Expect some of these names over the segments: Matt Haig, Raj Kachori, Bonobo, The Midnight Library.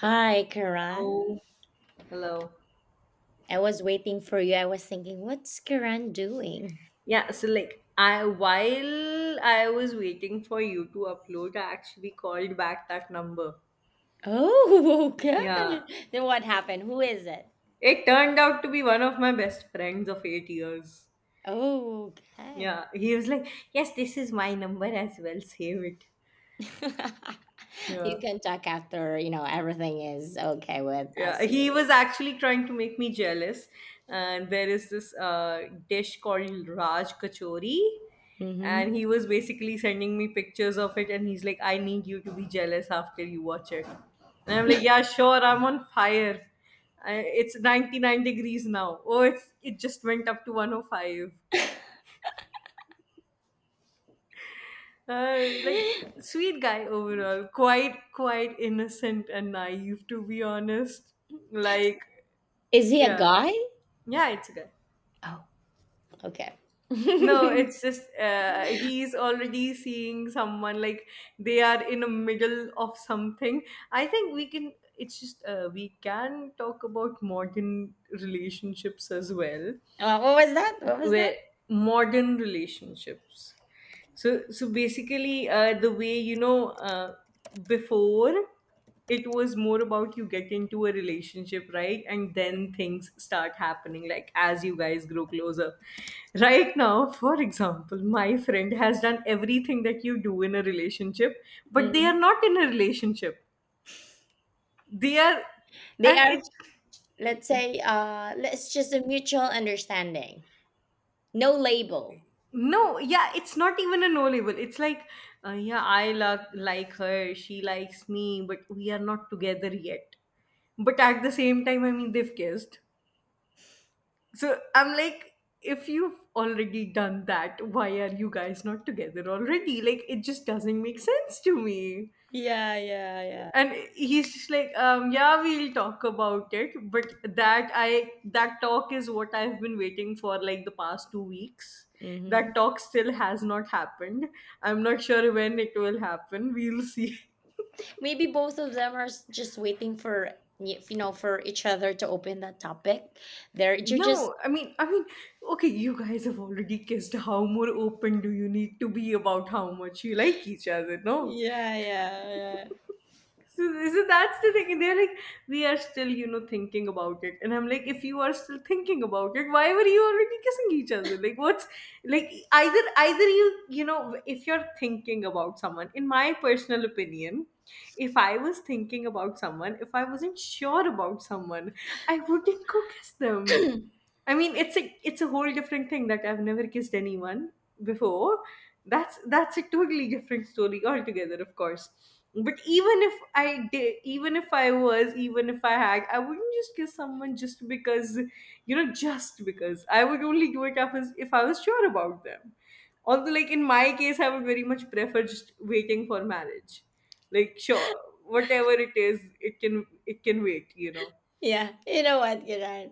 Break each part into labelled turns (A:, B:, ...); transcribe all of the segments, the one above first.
A: Hi, Karan.
B: Hello. Hello.
A: I was waiting for you. I was thinking, what's Karan doing?
B: Yeah, so like I while I was waiting for you to upload, I actually called back that number.
A: Oh, okay.
B: Yeah.
A: Then what happened? Who is it?
B: It turned out to be one of my best friends of 8 years.
A: Oh, okay.
B: Yeah. He was like, yes, this is my number as well. Save it.
A: You
B: Yeah.
A: can talk after, you know, everything is okay with
B: Yeah,
A: us
B: he
A: here.
B: was actually trying to make me jealous. And there is this dish called Raj Kachori. And
A: Hmm
B: he was basically sending me pictures of it. And he's like, I need you to be jealous after you watch it. And I'm like, yeah, sure, I'm on fire. It's 99 degrees now. Oh, it just went up to 105. Like, sweet guy overall. Quite innocent and naive, to be honest. Like,
A: Is he a
B: yeah.
A: guy?
B: Yeah, it's a guy.
A: Oh, okay.
B: No, it's just he's already seeing someone, like they are in a middle of something. I think we can. It's just we can talk about modern relationships as well,
A: What was that? What was that?
B: where modern relationships, so basically, the way, before, it was more about you get into a relationship, right? And then things start happening, like as you guys grow closer. Right now, for example, my friend has done everything that you do in a relationship, but they
A: Mhm.
B: are not in a relationship. They are,
A: They
B: and
A: are,
B: it's
A: let's say, let's just a mutual understanding. No label.
B: No, yeah, it's not even a no label. It's like, yeah, like her, she likes me, but we are not together yet. But at the same time, I mean, they've kissed. So I'm like, if you've already done that, why are you guys not together already? Like, it just doesn't make sense to me.
A: Yeah, yeah, yeah.
B: And he's just like, yeah, we'll talk about it, but that talk is what I've been waiting for, like, the past 2 weeks. That
A: Hmm.
B: talk still has not happened. I'm not sure when it will happen. We'll see.
A: Maybe both of them are just waiting for you know for each other to open that topic. There, you're just
B: No, I mean, okay, you guys have already kissed. How more open do you need to be about how much you like each other? No.
A: yeah, yeah,
B: So, so that's the thing. They're like, we are still, thinking about it. And I'm like, if you are still thinking about it, why were you already kissing each other? Like, what's like either you, if you're thinking about someone, in my personal opinion, if I was thinking about someone, if I wasn't sure about someone, I wouldn't go kiss them.
A: yeah,
B: I mean, it's a whole different thing that I've never kissed anyone before. That's a totally different story altogether, of course. But even if I did, even if I was, even if I had, I wouldn't just kiss someone just because, just because. I would only do it if I was sure about them. Although, like in my case, I would very much prefer just waiting for marriage. Like, sure, whatever it is, it can wait. You know.
A: yeah. You know what, Kiran?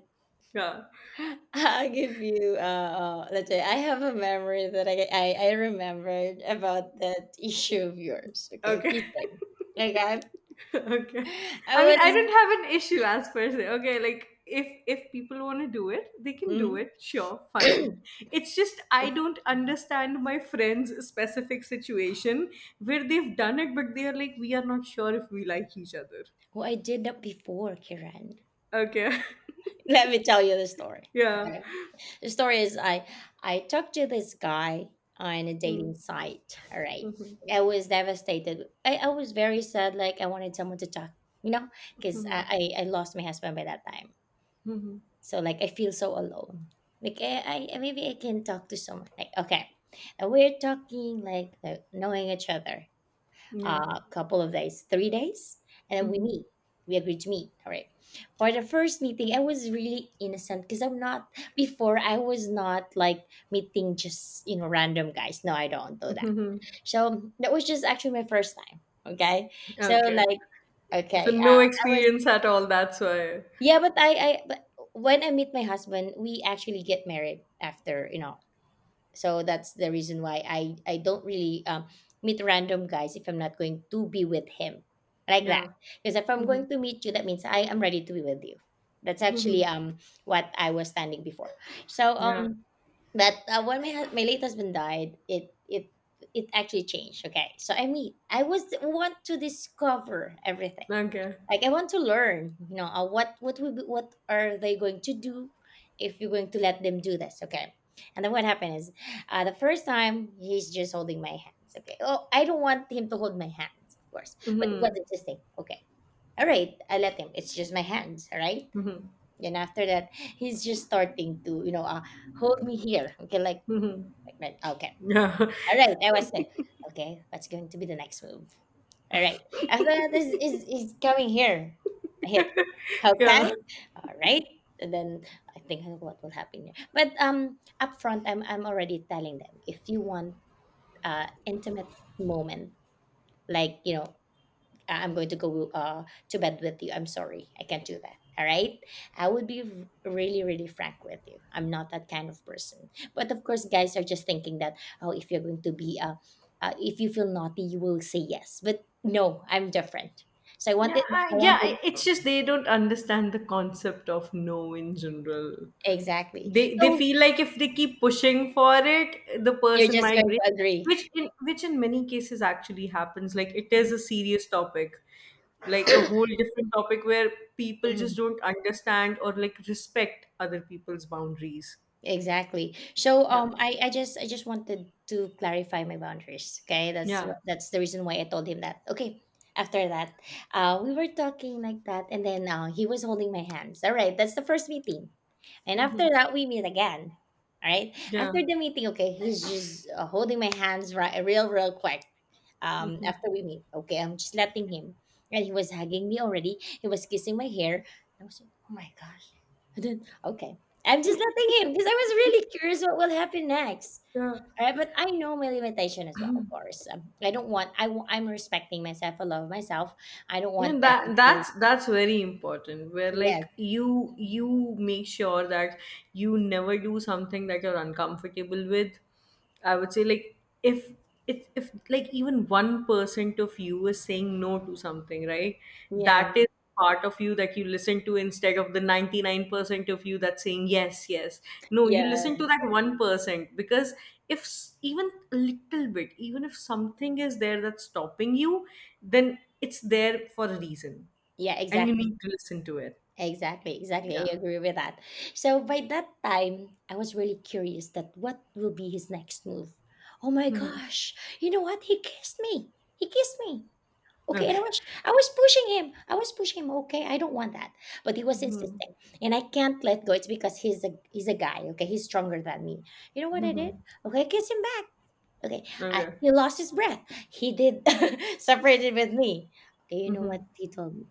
B: Yeah.
A: I'll give you. Let's say I have a memory that I remembered about that issue of yours. Okay,
B: Okay.
A: kissing. Okay,
B: Okay,
A: I
B: I mean, I
A: was.
B: don't have an issue as per se. Okay, like, if people want to do it, they can do
A: Mhm.
B: it. Sure, fine.
A: It's-
B: It's just I don't understand my friend's specific situation where they've done it, but they're like, we are not sure if we like each other.
A: oh, I did that before, Kiran.
B: Okay.
A: Let me tell you the story.
B: Yeah.
A: Okay? The story is I talked to this guy on a dating
B: Mhm.
A: site. All right.
B: Mhm.
A: I was devastated. I was very sad. Like I wanted someone to talk, you know, because
B: Mhm.
A: I lost my husband by that time.
B: Mhm.
A: So like I feel so alone. Like I maybe I can talk to someone. Like okay, and we're talking like knowing each other
B: Yeah.
A: a couple of days, 3 days, and then we
B: Mhm.
A: meet. We agreed to meet. All right. For the first meeting, I was really innocent because I'm not. Before, I was not like meeting just you know random guys. No, I don't do that.
B: Mhm.
A: So that was just actually my first time. Okay. So
B: Okay,
A: like
B: so
A: okay,
B: no
A: I was
B: experience at all, that's why.
A: yeah, but I but when I meet my husband, we actually get married after you know so that's the reason why I don't really meet random guys if I'm not going to be with him like that
B: Yeah.
A: because if I'm
B: Mhm.
A: going to meet you that means I am ready to be with you. That's actually
B: Mhm.
A: what I was standing before. So
B: Yeah.
A: but when my my late husband died it actually changed. Okay, so I mean I was want to discover everything.
B: Okay.
A: Like I want to learn you know what what are they going to do if you're going to let them do this okay. And then what happened is the first time he's just holding my hands. Okay, oh I don't want him to hold my hands of course but it was
B: Mhm.
A: interesting. Okay, all right, I let him. It's just my hands. All right,
B: Mhm.
A: then after that he's just starting to you know hold me here. Okay,
B: Mhm.
A: like okay,
B: Yeah.
A: all right, I was like okay what's going to be the next move. All right, after that is is coming here, hip. Okay.
B: Yeah.
A: All right. And then I think what will happen here. But up front I'm already telling them, if you want intimate moment, like you know, "I- I'm going to go to bed with you. I'm sorry. I can't do that. All right. I would be really, really frank with you. I'm not that kind of person." But of course, guys are just thinking that, oh, if you're going to be, if you feel naughty, you will say yes. But no, I'm different. So
B: Yeah,
A: I
B: yeah,
A: wanted,
B: it's just they don't understand the concept of no in general.
A: exactly.
B: They
A: So
B: feel like if they keep pushing for it, the
A: you're
B: person
A: just
B: might
A: going
B: break,
A: to agree.
B: which in many cases actually happens. Like, it is a serious topic, like a whole different topic where people
A: Hmm.
B: just don't understand or like respect other people's boundaries.
A: Exactly. So
B: Yeah,
A: I, I just wanted to clarify my boundaries. Okay. That's
B: yeah.
A: what that's the reason why I told him that. Okay. After that, we were talking like that and then he was holding my hands. All right, that's the first meeting. And after
B: Mhm.
A: that we meet again. All right.
B: Yeah,
A: After the meeting, okay, he's just holding my hands right real real quick, after we meet. Okay, I'm just letting him. And he was hugging me already. He was kissing my hair. I was like, oh my gosh. And then, okay, I'm just letting him because I was really curious what will happen next.
B: yeah.
A: All right, but I know my limitation as well, of course. I don't want, I'm respecting myself. I love myself. I don't
B: Yeah,
A: want them
B: that
A: to,
B: that's that's very important, where
A: yes,
B: like you make sure that you never do something that you're uncomfortable with. I would say, like, if like, even 1% of you is saying no to something, right?
A: yeah,
B: That is part of you that you listen to instead of the 99% of you that's saying yes. Yes, no, you listen
A: yeah,
B: to that 1%, because if s- even a little bit, even if something is there that's stopping you, then it's there for a reason,
A: yeah,
B: and you
A: exactly.
B: need to listen to it.
A: Exactly,
B: Yeah.
A: exactly. I agree with that. So by that time, I was really curious that what will be his next move. Oh my gosh. You know what? He kissed me. He kissed me. Okay, and
B: Okay.
A: I was pushing him. I was pushing him. Okay, I don't want that. But he was
B: Mhm.
A: insisting. And I can't let go. It's because he's a guy, okay? He's stronger than me. You know what I did? Okay, I kissed him back. Okay,
B: Okay.
A: he lost his breath. He did separated with me. Okay, you know what
B: Mhm.
A: he told me?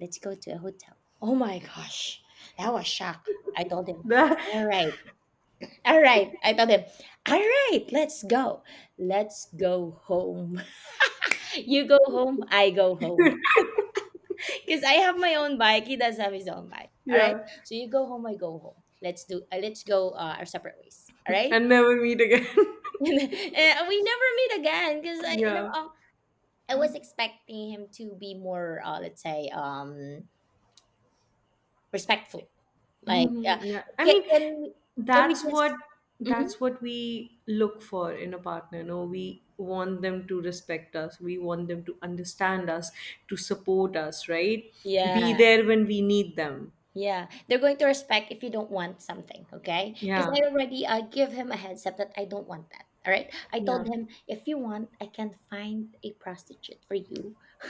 A: Let's go to a hotel. Oh my gosh, that was shock. I told him,
B: That,
A: all right, all right. I told him, all right, let's go home. You go home, I go home, because I have my own bike. He does have his own bike. All right,
B: yeah.
A: so you go home, I go home. Let's do, let's go our separate ways. All right.
B: And never meet again.
A: And we never meet again because I, you know,
B: Yeah.
A: I was expecting him to be more, let's say, respectful. Like,
B: Hmm. Yeah, I
A: can
B: mean,
A: can can we
B: that's what
A: just? Mhm.
B: that's what we look for in a partner. No, we want them to respect us. We want them to understand us, to support us, right? Be
A: Yeah,
B: there when we need them.
A: yeah. They're going to respect if you don't want something, okay? Because
B: Yeah.
A: I already give him a heads up that I don't want that. All right. I told
B: Yeah.
A: him if you want, I can find a prostitute for you.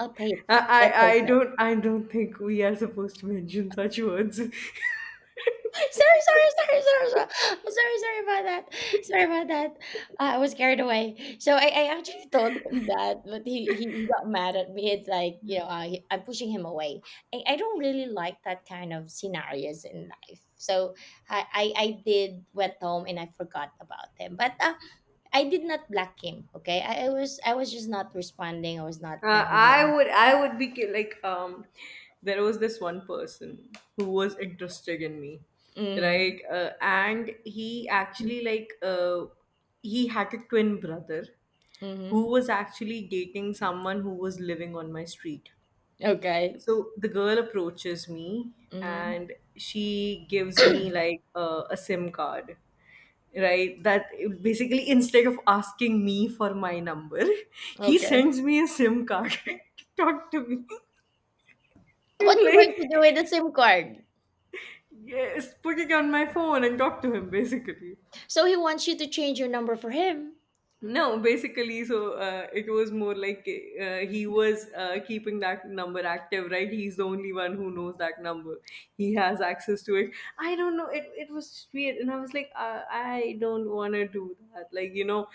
A: I'll pay it for
B: I,
A: it. I'll
B: I
A: pay
B: I
A: for it.
B: don't I don't think we are supposed to mention such words.
A: sorry, sorry, sorry, sorry, sorry, Sorry about that. Sorry about that. I was carried away. So I actually told him that, but he got mad at me. It's like, you know,
B: Yeah.
A: I'm pushing him away. I don't really like that kind of scenarios in life. So I did went home and I forgot about him. But I did not block him. Okay, I was just not responding. I was not messaging
B: I
A: him.
B: would I would be like, there was this one person who was interested in me,
A: Mm-hmm.
B: right? And he actually, like, he had a twin brother
A: Mm-hmm.
B: who was actually dating someone who was living on my street.
A: Okay.
B: So the girl approaches me,
A: Mm-hmm.
B: and she gives me, like, a SIM card, right, that basically instead of asking me for my number, he
A: okay.
B: sends me a sim card to talk to me. And
A: What you
B: like,
A: going to do with the SIM card?
B: yes, put it on my phone and talk to him, basically.
A: So he wants you to change your number for him.
B: No, basically, so it was more like, he was keeping that number active, right? He's the only one who knows that number. He has access to it. I don't know. It was just weird, and I was like, I don't want to do that. Like,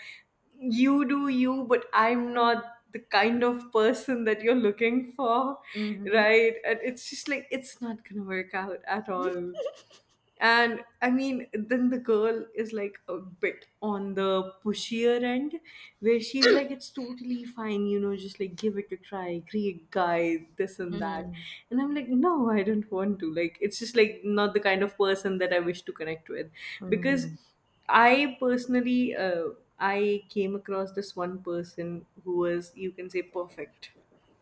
B: you do you, but I'm not the kind of person that you're looking for,
A: Mm-hmm.
B: right? And it's just like it's not gonna work out at all. And I mean, then the girl is like a bit on the pushier end, where she's like, it's totally fine, just like give it a try, great guy, this and that.
A: Mm-hmm.
B: And I'm like, no, I don't want to. Like, it's just like not the kind of person that I wish to connect with. Because
A: Mm-hmm.
B: I personally, uh, I came across this one person who was, you can say, perfect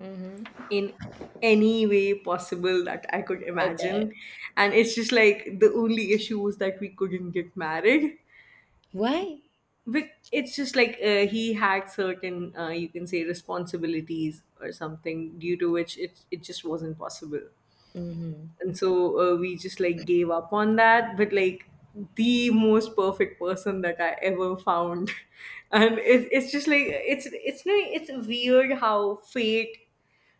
A: Mm-hmm.
B: in any way possible that I could
A: Okay.
B: imagine. And it's just like the only issue was that we couldn't get married.
A: Why?
B: But it's just like he had certain, you can say, responsibilities or something, due to which it just wasn't possible.
A: Mm-hmm.
B: And so we just like gave up on that. But like, the most perfect person that I ever found. And it's just like, no, it's weird how fate,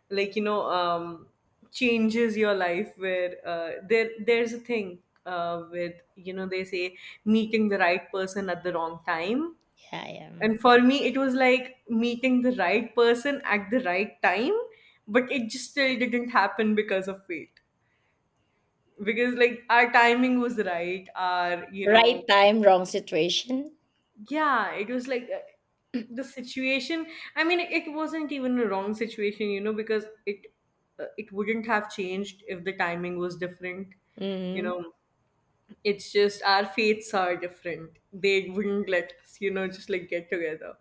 B: like, changes your life, where, there's a thing, with, they say, meeting the right person at the wrong time.
A: Yeah, I am.
B: And for me, it was like meeting the right person at the right time, but it just still didn't happen because of fate. Because like our timing was right, our,
A: Right time, wrong situation.
B: yeah, it was like, the situation I mean, wasn't even a wrong situation, because it, it wouldn't have changed if the timing was different, you
A: Mm-hmm.
B: know. It's just our fates are different, they wouldn't let us, just like get together.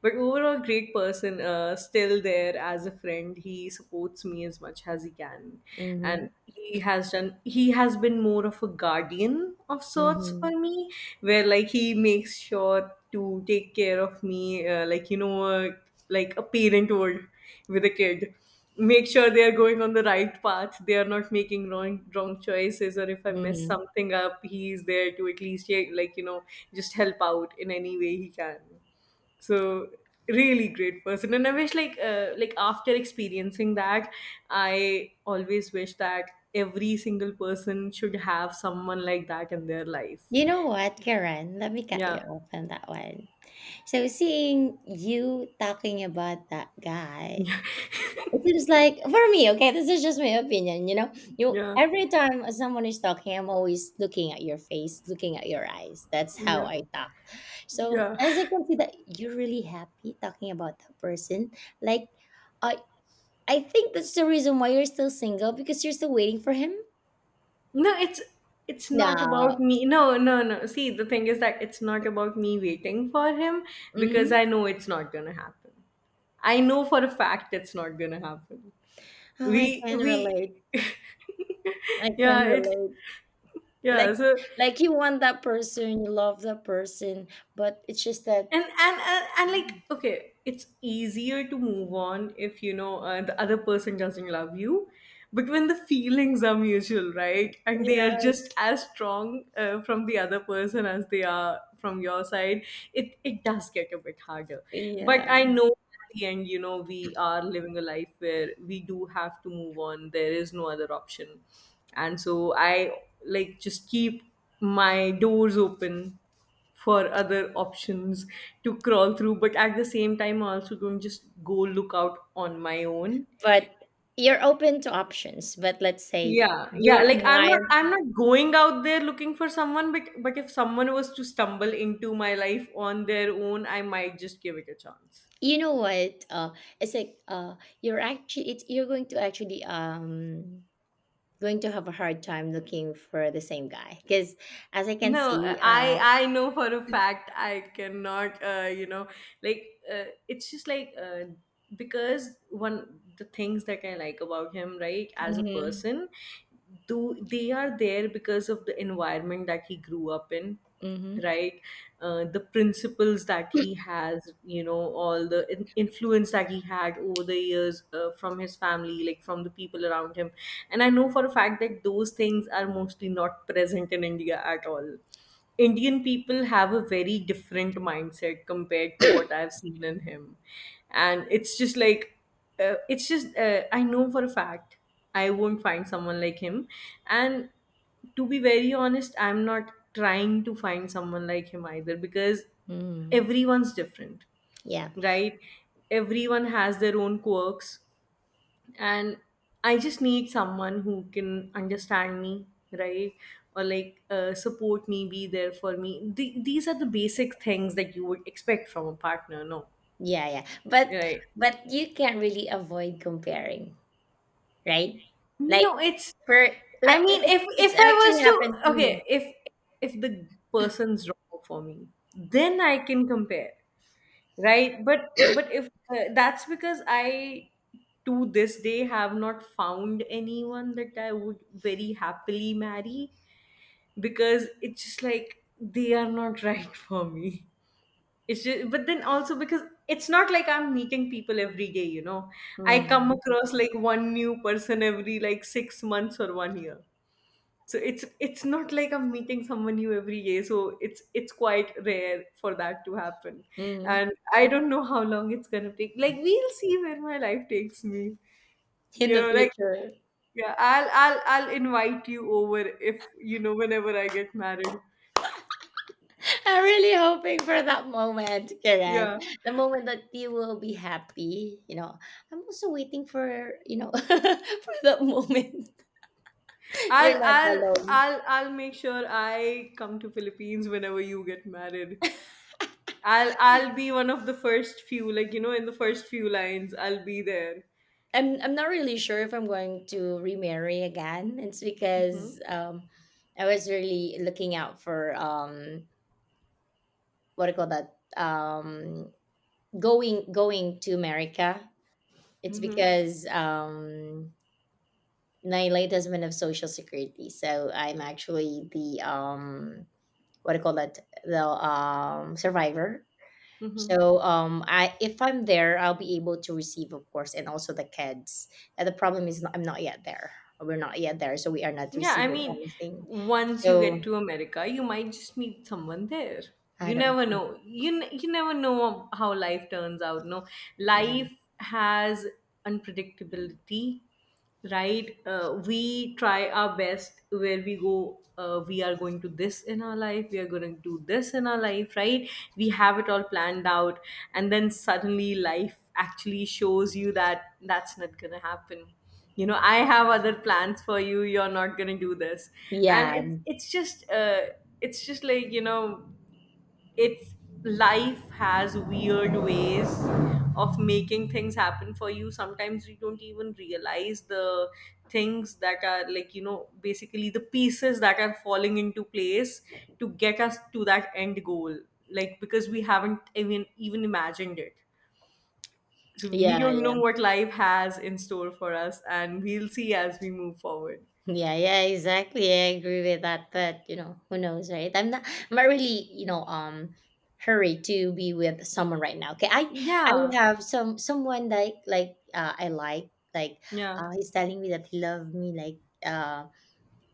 B: But overall, great person. Still there as a friend, he supports me as much as he can.
A: Mm-hmm.
B: And he has been more of a guardian of sorts for
A: Mm-hmm.
B: me, where like he makes sure to take care of me, like a parent would, with a kid, make sure they are going on the right path, they are not making wrong choices, or if I mess
A: Mm-hmm.
B: something up, he is there to at least yeah, just help out in any way he can. So, really great person, and I wish, like, like after experiencing that, I always wish that every single person should have someone like that in their life.
A: You know what, Karen? Let me cut you
B: Yeah.
A: off on that one. So seeing you talking about that guy,
B: Yeah,
A: it seems like for me, okay, this is just my opinion, you know. You every time someone is talking, I'm always looking at your face, looking at your eyes. That's how
B: yeah,
A: I talk. So
B: yeah.
A: as I can see that you're really happy talking about that person, like I I think that's the reason why you're still single because you're still waiting for him.
B: No, it's not
A: No.
B: about me. No, no, no, see, the thing is that it's not about me waiting for him, because
A: Hmm.
B: I know it's not gonna happen. I know for a fact it's not gonna happen.
A: Oh, I
B: we
A: can relate.
B: we
A: I can
B: yeah it's
A: relate. Like
B: yeah so,
A: like you want that person, you love that person, but it's just that
B: and like, okay, it's easier to move on if the other person doesn't love you. But when the feelings are mutual, right, and they are
A: yeah.
B: just as strong, from the other person as they are from your side, it does get a bit harder. But
A: Yeah.
B: I know at the end, we are living a life where we do have to move on. There is no other option. And so I, like, just keep my doors open for other options to crawl through, but at the same time I also don't just go look out on my own.
A: But you're open to options but let's say
B: Yeah, yeah,
A: your
B: like i'm not
A: mind
B: i'm not going out there looking for someone, but if someone was to stumble into my life on their own, I might just give it a chance.
A: you know what it's like you're actually it's you're going to actually going to have a hard time looking for the same guy because as I can
B: No,
A: see
B: I know for a fact I cannot. Like it's just like, because one the things that I like about him, right, as a
A: mhm,
B: person, do they are there because of the environment that he grew up in,
A: mhm.
B: right? The principles that he has, all the influence that he had over the years, from his family, like from the people around him. And I know for a fact that those things are mostly not present in India at all. Indian people have a very different mindset compared to what I've seen in him. And it's just like, it's just, I know for a fact I won't find someone like him. And to be very honest, I'm not trying to find someone like him either, because
A: Mm,
B: everyone's different,
A: yeah
B: right? Everyone has their own quirks, and I just need someone who can understand me, right? Or like, support me, be there for me. These are the basic things that you would expect from a partner, no?
A: yeah yeah
B: Right.
A: but you can't really avoid comparing, right? Like
B: No, it's—
A: for
B: I
A: like
B: mean, if
A: it's
B: if I was
A: actually happens
B: to,
A: to me.
B: okay, if the person's wrong for me, then I can compare, right? But if that's because I to this day have not found anyone that I would very happily marry, because it's just like they are not right for me. It's just, but then also because it's not like I'm meeting people every day. I come
A: Mm,
B: across like one new person every like 6 months or one year. So it's not like I'm meeting someone new every day. So it's quite rare for that to happen.
A: mm,
B: And I don't know how long it's gonna take. Like, we'll see where my life takes me.
A: in the
B: Like,
A: future.
B: yeah, I'll invite you over, if whenever I get married.
A: I'm really hoping for that moment, Karen.
B: Yeah.
A: The moment that you will be happy. You know, I'm also waiting for, you know, for that moment. You're
B: I'll
A: not
B: I'll
A: alone.
B: I'll I'll make sure I come to Philippines whenever you get married. I'll be one of the first few, like, in the first few lines. I'll be there.
A: I'm not really sure if I'm going to remarry again. It's
B: Mm-hmm.
A: because I was really looking out for what do you call that? Going going to America. It's
B: Mm-hmm.
A: because my late husband of social security. So I'm actually the what do you call that, the survivor.
B: Mm-hmm.
A: So I if I'm there I'll be able to receive of course and also the kids. And the problem is not, I'm not yet there, we're not yet there, so we are not
B: Yeah, I
A: receiving
B: mean,
A: anything,
B: once you
A: so
B: get to America, you might just meet someone there.
A: I
B: You
A: don't
B: never
A: know.
B: know. You never know how life turns out. No,
A: Yeah
B: life has unpredictability, right? We try our best where we go. We are going to this in our life. We are going to do this in our life, right? We have it all planned out, and then suddenly life actually shows you that that's not gonna happen. You know, I have other plans for you, you're not going to do this.
A: yeah
B: And it's just, it's just like, it's life has weird ways of making things happen for you. Sometimes you don't even realize the things that are, like, basically the pieces that are falling into place to get us to that end goal, like because we haven't even imagined it. So we
A: yeah
B: don't know
A: yeah.
B: what life has in store for us, and we'll see as we move forward.
A: Yeah, yeah, exactly. I agree with that, but you know, who knows, right? I'm not really, you know, hurried to be with someone right now. Okay. I
B: Yeah,
A: have some someone like I like
B: yeah.
A: he's telling me that he loved me like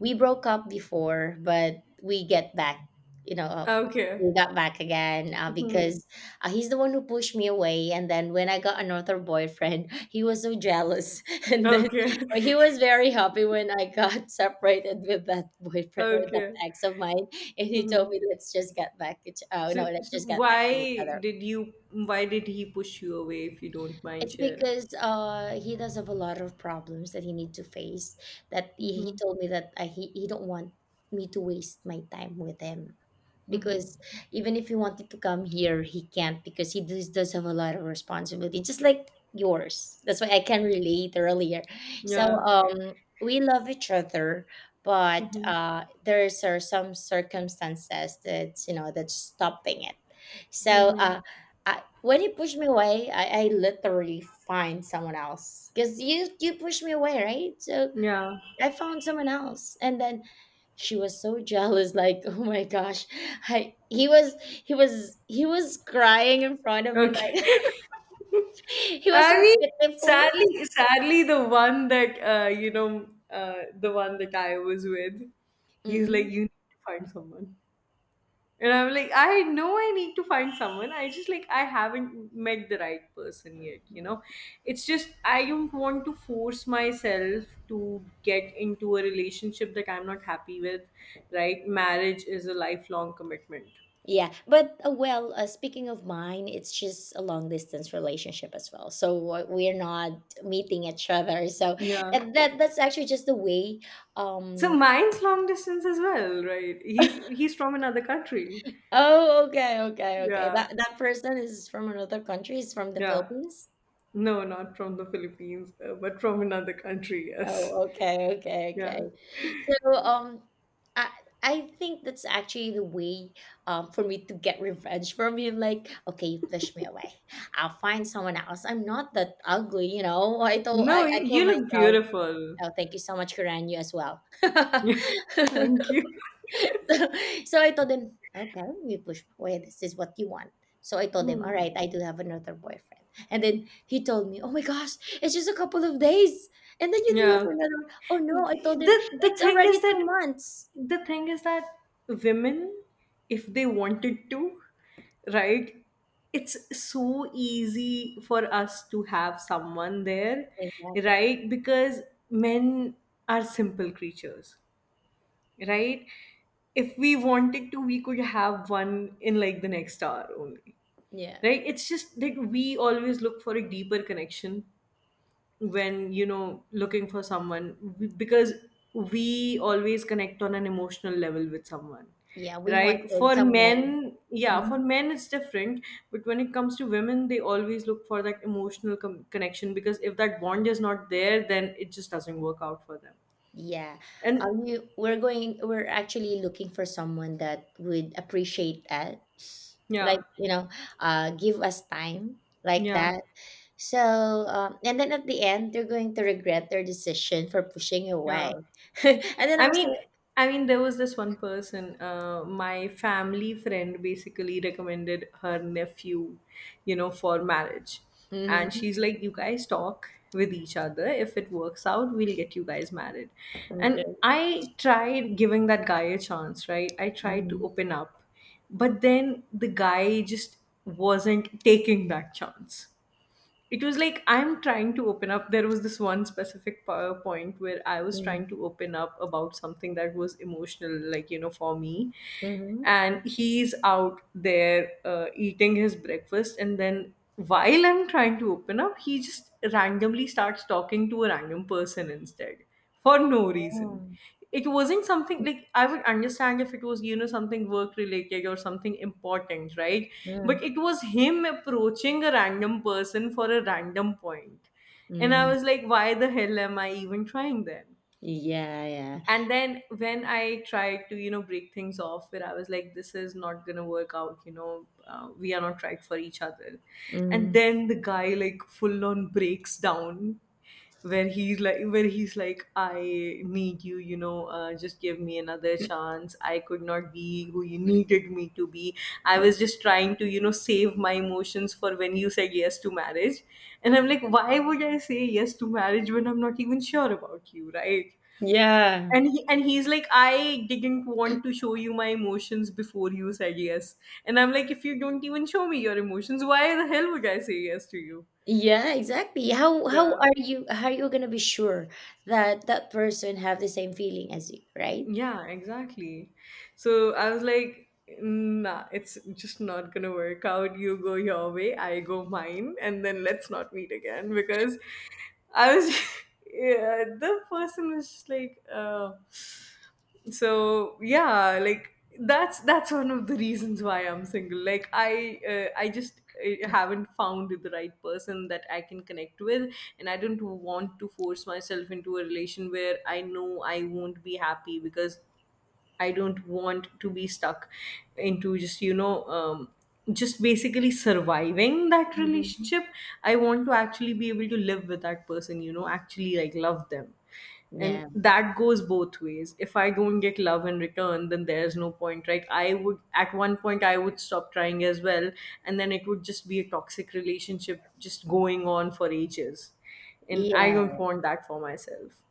A: we broke up before, but we get back, you know,
B: Okay.
A: we got back again
B: Mhm.
A: because he's the one who pushed me away. And then when I got another boyfriend, he was so jealous. And then
B: Okay.
A: but he was very happy when I got separated with that boyfriend or that
B: Okay.
A: ex of mine. And he told
B: Mhm.
A: me, let's just get back, each, no,
B: so,
A: let's
B: so
A: just get back to each other.
B: why did he push you away, if you don't mind
A: It's
B: sharing?
A: because he does have a lot of problems that he need to face. That he, he
B: Hmm.
A: told me that I, he don't want me to waste my time with him
B: Hmm.
A: because even if he wanted to come here, he can't because he does have a lot of responsibility, just like yours. That's why I can relate earlier. So
B: Yeah,
A: we love each other, but there's are some circumstances that that's stopping it. So when you push me away, I literally find someone else because you push me away, right? So
B: yeah.
A: I found someone else. And then she was so jealous, like, oh my gosh. I he was he was he was crying in front of me,
B: Okay.
A: like he was
B: I
A: so
B: mean,
A: pitiful.
B: sadly, the one that I was with, he's like,
A: Hmm.
B: you need to find someone. And I'm like, I know I need to find someone. I just, like, I haven't met the right person yet. It's just I don't want to force myself to get into a relationship that I'm not happy with, right? Marriage is a lifelong commitment.
A: Yeah, but speaking of mine, it's just a long distance relationship as well. So we're not meeting each other. So
B: Yeah.
A: and that's actually just the way.
B: So
A: Um.
B: mine's long distance as well, right? He's from another country.
A: Oh, okay, okay, okay.
B: Yeah.
A: That person is from another country. Is from the
B: Yeah.
A: Philippines.
B: No, not from the Philippines, but from another country, yes.
A: Oh, okay, okay,
B: Yeah.
A: okay. So, I I think that's actually the way, for me to get revenge from him. Like, okay, you pushed me away. I'll find someone else. I'm not that ugly, you know.
B: No,
A: I
B: you
A: told
B: look
A: myself,
B: beautiful.
A: oh, thank you so much, Karan, you as well.
B: Yeah. Thank you.
A: So, so I told them, okay, this is what you want. So I told him, all right, I do have another boyfriend. And then he told me, oh my gosh, it's just a couple of days. And then you do have
B: Yeah.
A: another one. Oh no, I told him,
B: The
A: it's
B: thing
A: already
B: is
A: two
B: that,
A: months.
B: the thing is that women, if they wanted to, right, it's so easy for us to have someone there,
A: Exactly.
B: right? Because men are simple creatures, right? If we wanted to, we could have one in like the next hour only.
A: Yeah.
B: Right? It's just that we always look for a deeper connection when looking for someone, because we always connect on an emotional level with someone,
A: Yeah. We
B: right.
A: wanted
B: For
A: someone.
B: men, yeah, for
A: Mhm.
B: men it's different. But when it comes to women, they always look for that emotional connection, because if that bond is not there, then it just doesn't work out for them.
A: Yeah.
B: And
A: We're actually looking for someone that would appreciate that. Like,
B: yeah,
A: you know, give us time like
B: yeah,
A: that. So, and then at the end, they're going to regret their decision for pushing you
B: yeah.
A: away. And then I
B: I
A: was
B: mean,
A: like,
B: I mean, there was this one person. My family friend basically recommended her nephew, for marriage, and
A: mm-hmm,
B: she's like, "You guys talk with each other. If it works out, we'll get you guys married."
A: okay,
B: And I tried giving that guy a chance, right? I tried
A: mm-hmm,
B: to open up, but then the guy just wasn't taking that chance. It was like, I'm trying to open up. There was this one specific powerpoint where I was trying
A: mm-hmm,
B: to open up about something that was emotional, like, for me.
A: mm-hmm.
B: And he's out there, eating his breakfast, and then while I'm trying to open up, he just randomly starts talking to a random person instead, for no reason. It wasn't something like I would understand if it was, something work related or something important, right?
A: Mm-hmm.
B: But it was him approaching a random person for a random point. And I
A: Mm-hmm.
B: was like, why the hell am I even trying then?
A: Yeah, yeah.
B: And then when I tried to, break things off, where I was like, this is not gonna work out, we are not right for each other. And
A: Mm.
B: then the guy, like, full on breaks down, where he's like, I need you, you know just give me another chance, I could not be who you needed me to be, I
A: Mm.
B: was just trying to, save my emotions for when you said yes to marriage. And I'm like, why would I say yes to marriage when I'm not even sure about you, right?
A: Yeah.
B: And he's like, I didn't want to show you my emotions before you said yes. And I'm like, if you don't even show me your emotions, why the hell would I say yes to you?
A: Yeah, exactly. How
B: Yeah,
A: are you gonna be sure that that person have the same feeling as you, right?
B: yeah, exactly. So I was like, nah, it's just not gonna work out, you go your way, I go mine, and then let's not meet again, because I was, yeah, the person was just like, so yeah, like that's one of the reasons why I'm single. Like I just haven't found the right person that I can connect with, and I don't want to force myself into a relation where I know I won't be happy, because I don't want to be stuck into just basically surviving that
A: Hmm.
B: relationship. I want to actually be able to live with that person, actually like love them. And
A: Yeah.
B: that goes both ways. If I don't get love in return, then there's no point. Like, I would, at one point, I would stop trying as well. And then it would just be a toxic relationship just going on for ages. And I
A: Yeah.
B: don't want that for myself.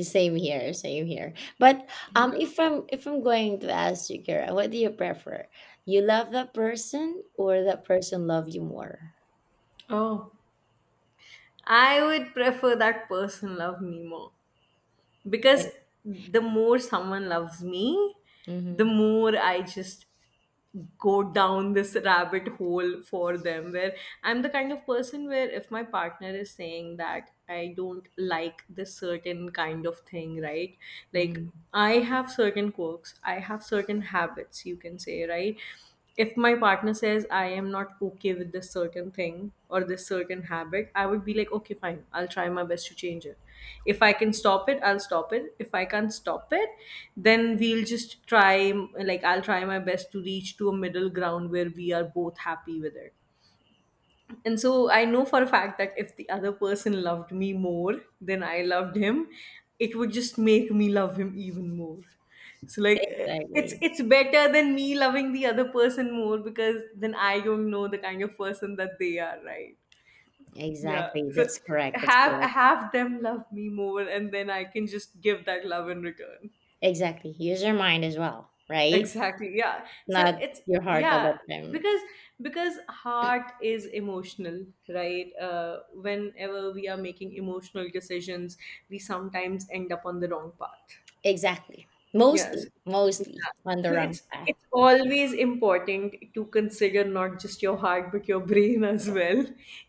A: Same here, same here. But if I'm going to ask you, Kira, what do you prefer? You love that person, or that person love you more?
B: Oh, I would prefer that person love me more, because the more someone loves me, the
A: Mm-hmm.
B: more I just go down this rabbit hole for them. Where I'm the kind of person where if my partner is saying that I don't like this certain kind of thing, right? Like,
A: Hmm.
B: I have certain quirks, I have certain habits, you can say, right? If my partner says I am not okay with this certain thing or this certain habit, I would be like, okay, fine, I'll try my best to change it. If I can stop it, I'll stop it. If I can't stop it, then we'll just try, like, I'll try my best to reach to a middle ground where we are both happy with it, and so I know for a fact that if the other person loved me more than I loved him, it would just make me love him even more. So like, it's
A: Exactly.
B: it's better than me loving the other person more, because then I don't know the kind of person that they are, right? Yeah.
A: Exactly.
B: So
A: That's correct. That's
B: have
A: correct.
B: have them love me more, and then I can just give that love in return.
A: Exactly. Use your mind as well, right?
B: Exactly, yeah. So
A: Not
B: it's,
A: your heart all
B: yeah.
A: the time.
B: Because because heart is emotional, right? Whenever we are making emotional decisions, we sometimes end up on the wrong path.
A: Exactly.
B: Yes,
A: Mostly,
B: yeah.
A: mostly on the
B: So
A: wrong
B: it's
A: path.
B: it's always important to consider not just your heart but your brain as well.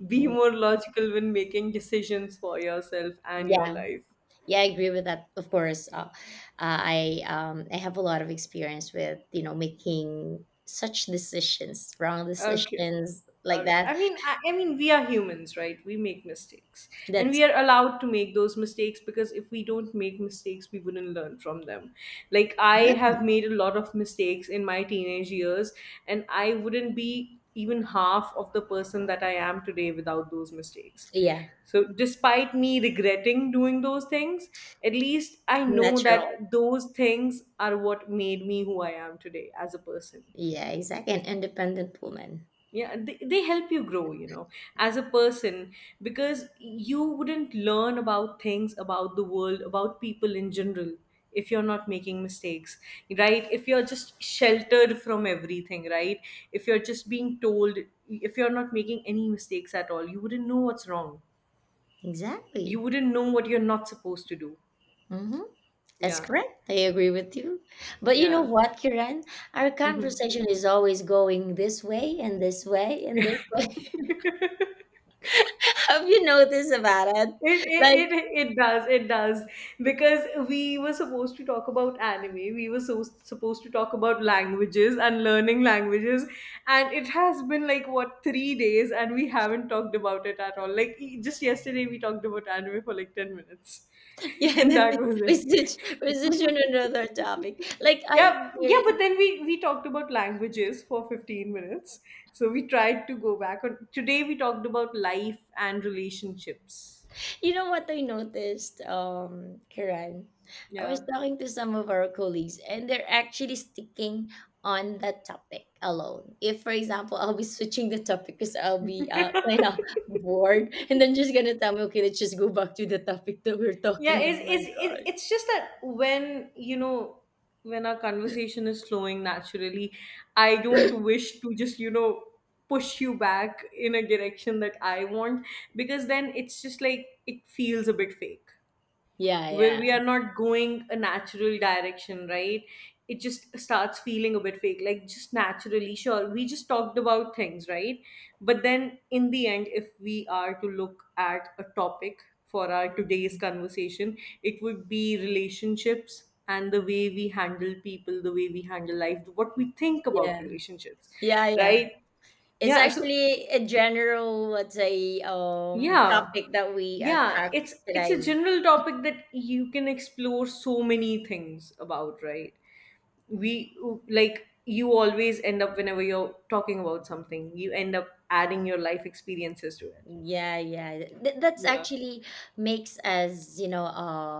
B: Be
A: Mm.
B: more logical when making decisions for yourself and your
A: Yeah.
B: life.
A: Yeah, I agree with that. Of course, I have a lot of experience with you know making such decisions, wrong
B: Okay.
A: decisions like that.
B: I mean, I mean, we are humans, right? We make mistakes, and
A: That's
B: we are allowed to make those mistakes, because if we don't make mistakes, we wouldn't learn from them. Like, I
A: yeah,
B: have made a lot of mistakes in my teenage years, and I wouldn't be even half of the person that I am today without those mistakes.
A: yeah,
B: So, despite me regretting doing those things, at least I know
A: natural.
B: that those things are what made me who I am today as a person.
A: Yeah, exactly. An independent woman.
B: Yeah, they help you grow, as a person, because you wouldn't learn about things, about the world, about people in general, if you're not making mistakes. Right? If you're just sheltered from everything, right? If you're just being told— if you're not making any mistakes at all, you wouldn't know what's wrong. You
A: Exactly.
B: wouldn't know what you're not supposed to do.
A: Hmm. That's
B: Yeah.
A: correct. I agree with you. But you know
B: Yeah.
A: what, Kiran? Our conversation is always going this way and this way and this way. Have you noticed about it?
B: It,
A: Like
B: it, it, it does, it does. Because we were supposed to talk about anime, we were so supposed to talk about languages and learning languages, and it has been like what 3 days, and we haven't talked about it at all. Like, just yesterday, we talked about anime for like 10 minutes,
A: yeah, and
B: and
A: then
B: that was
A: we switch we
B: it.
A: switch on another topic like I
B: Yeah, yeah, but
A: experienced.
B: then we talked about languages for 15 minutes. So we tried to go back on. Today we talked about life and relationships.
A: You know what I noticed, Kiran, I was
B: Yeah.
A: talking to some of our colleagues and they're actually sticking on that topic alone. If for example I'll be switching the topic because I'll be kind of bored and then just gonna tell me okay let's just go back to the topic that we're
B: Yeah,
A: talking, oh
B: it's,
A: my
B: it's, it-
A: god.
B: it's just that when you know when our conversation is flowing naturally, I don't wish to just, push you back in a direction that I want, because then it's just like it feels a bit fake,
A: Yeah,
B: where
A: yeah.
B: we are not going a natural direction, right? It just starts feeling a bit fake, like, just naturally. Sure, we just talked about things, right? But then in the end, if we are to look at a topic for our today's
A: Mm,
B: conversation, it would be relationships and the way we handle people, the way we handle life, what we think about
A: yeah,
B: relationships,
A: yeah, yeah.
B: right?
A: It's
B: Yeah, so,
A: actually a general, let's say,
B: yeah.
A: topic that we
B: Yeah,
A: talked
B: it's
A: today.
B: a general topic that you can explore so many things about, right? We, like, you always end up— whenever you're talking about something, you end up adding your life experiences to it.
A: Yeah, yeah. Th- that's
B: Yeah.
A: actually makes us, you know,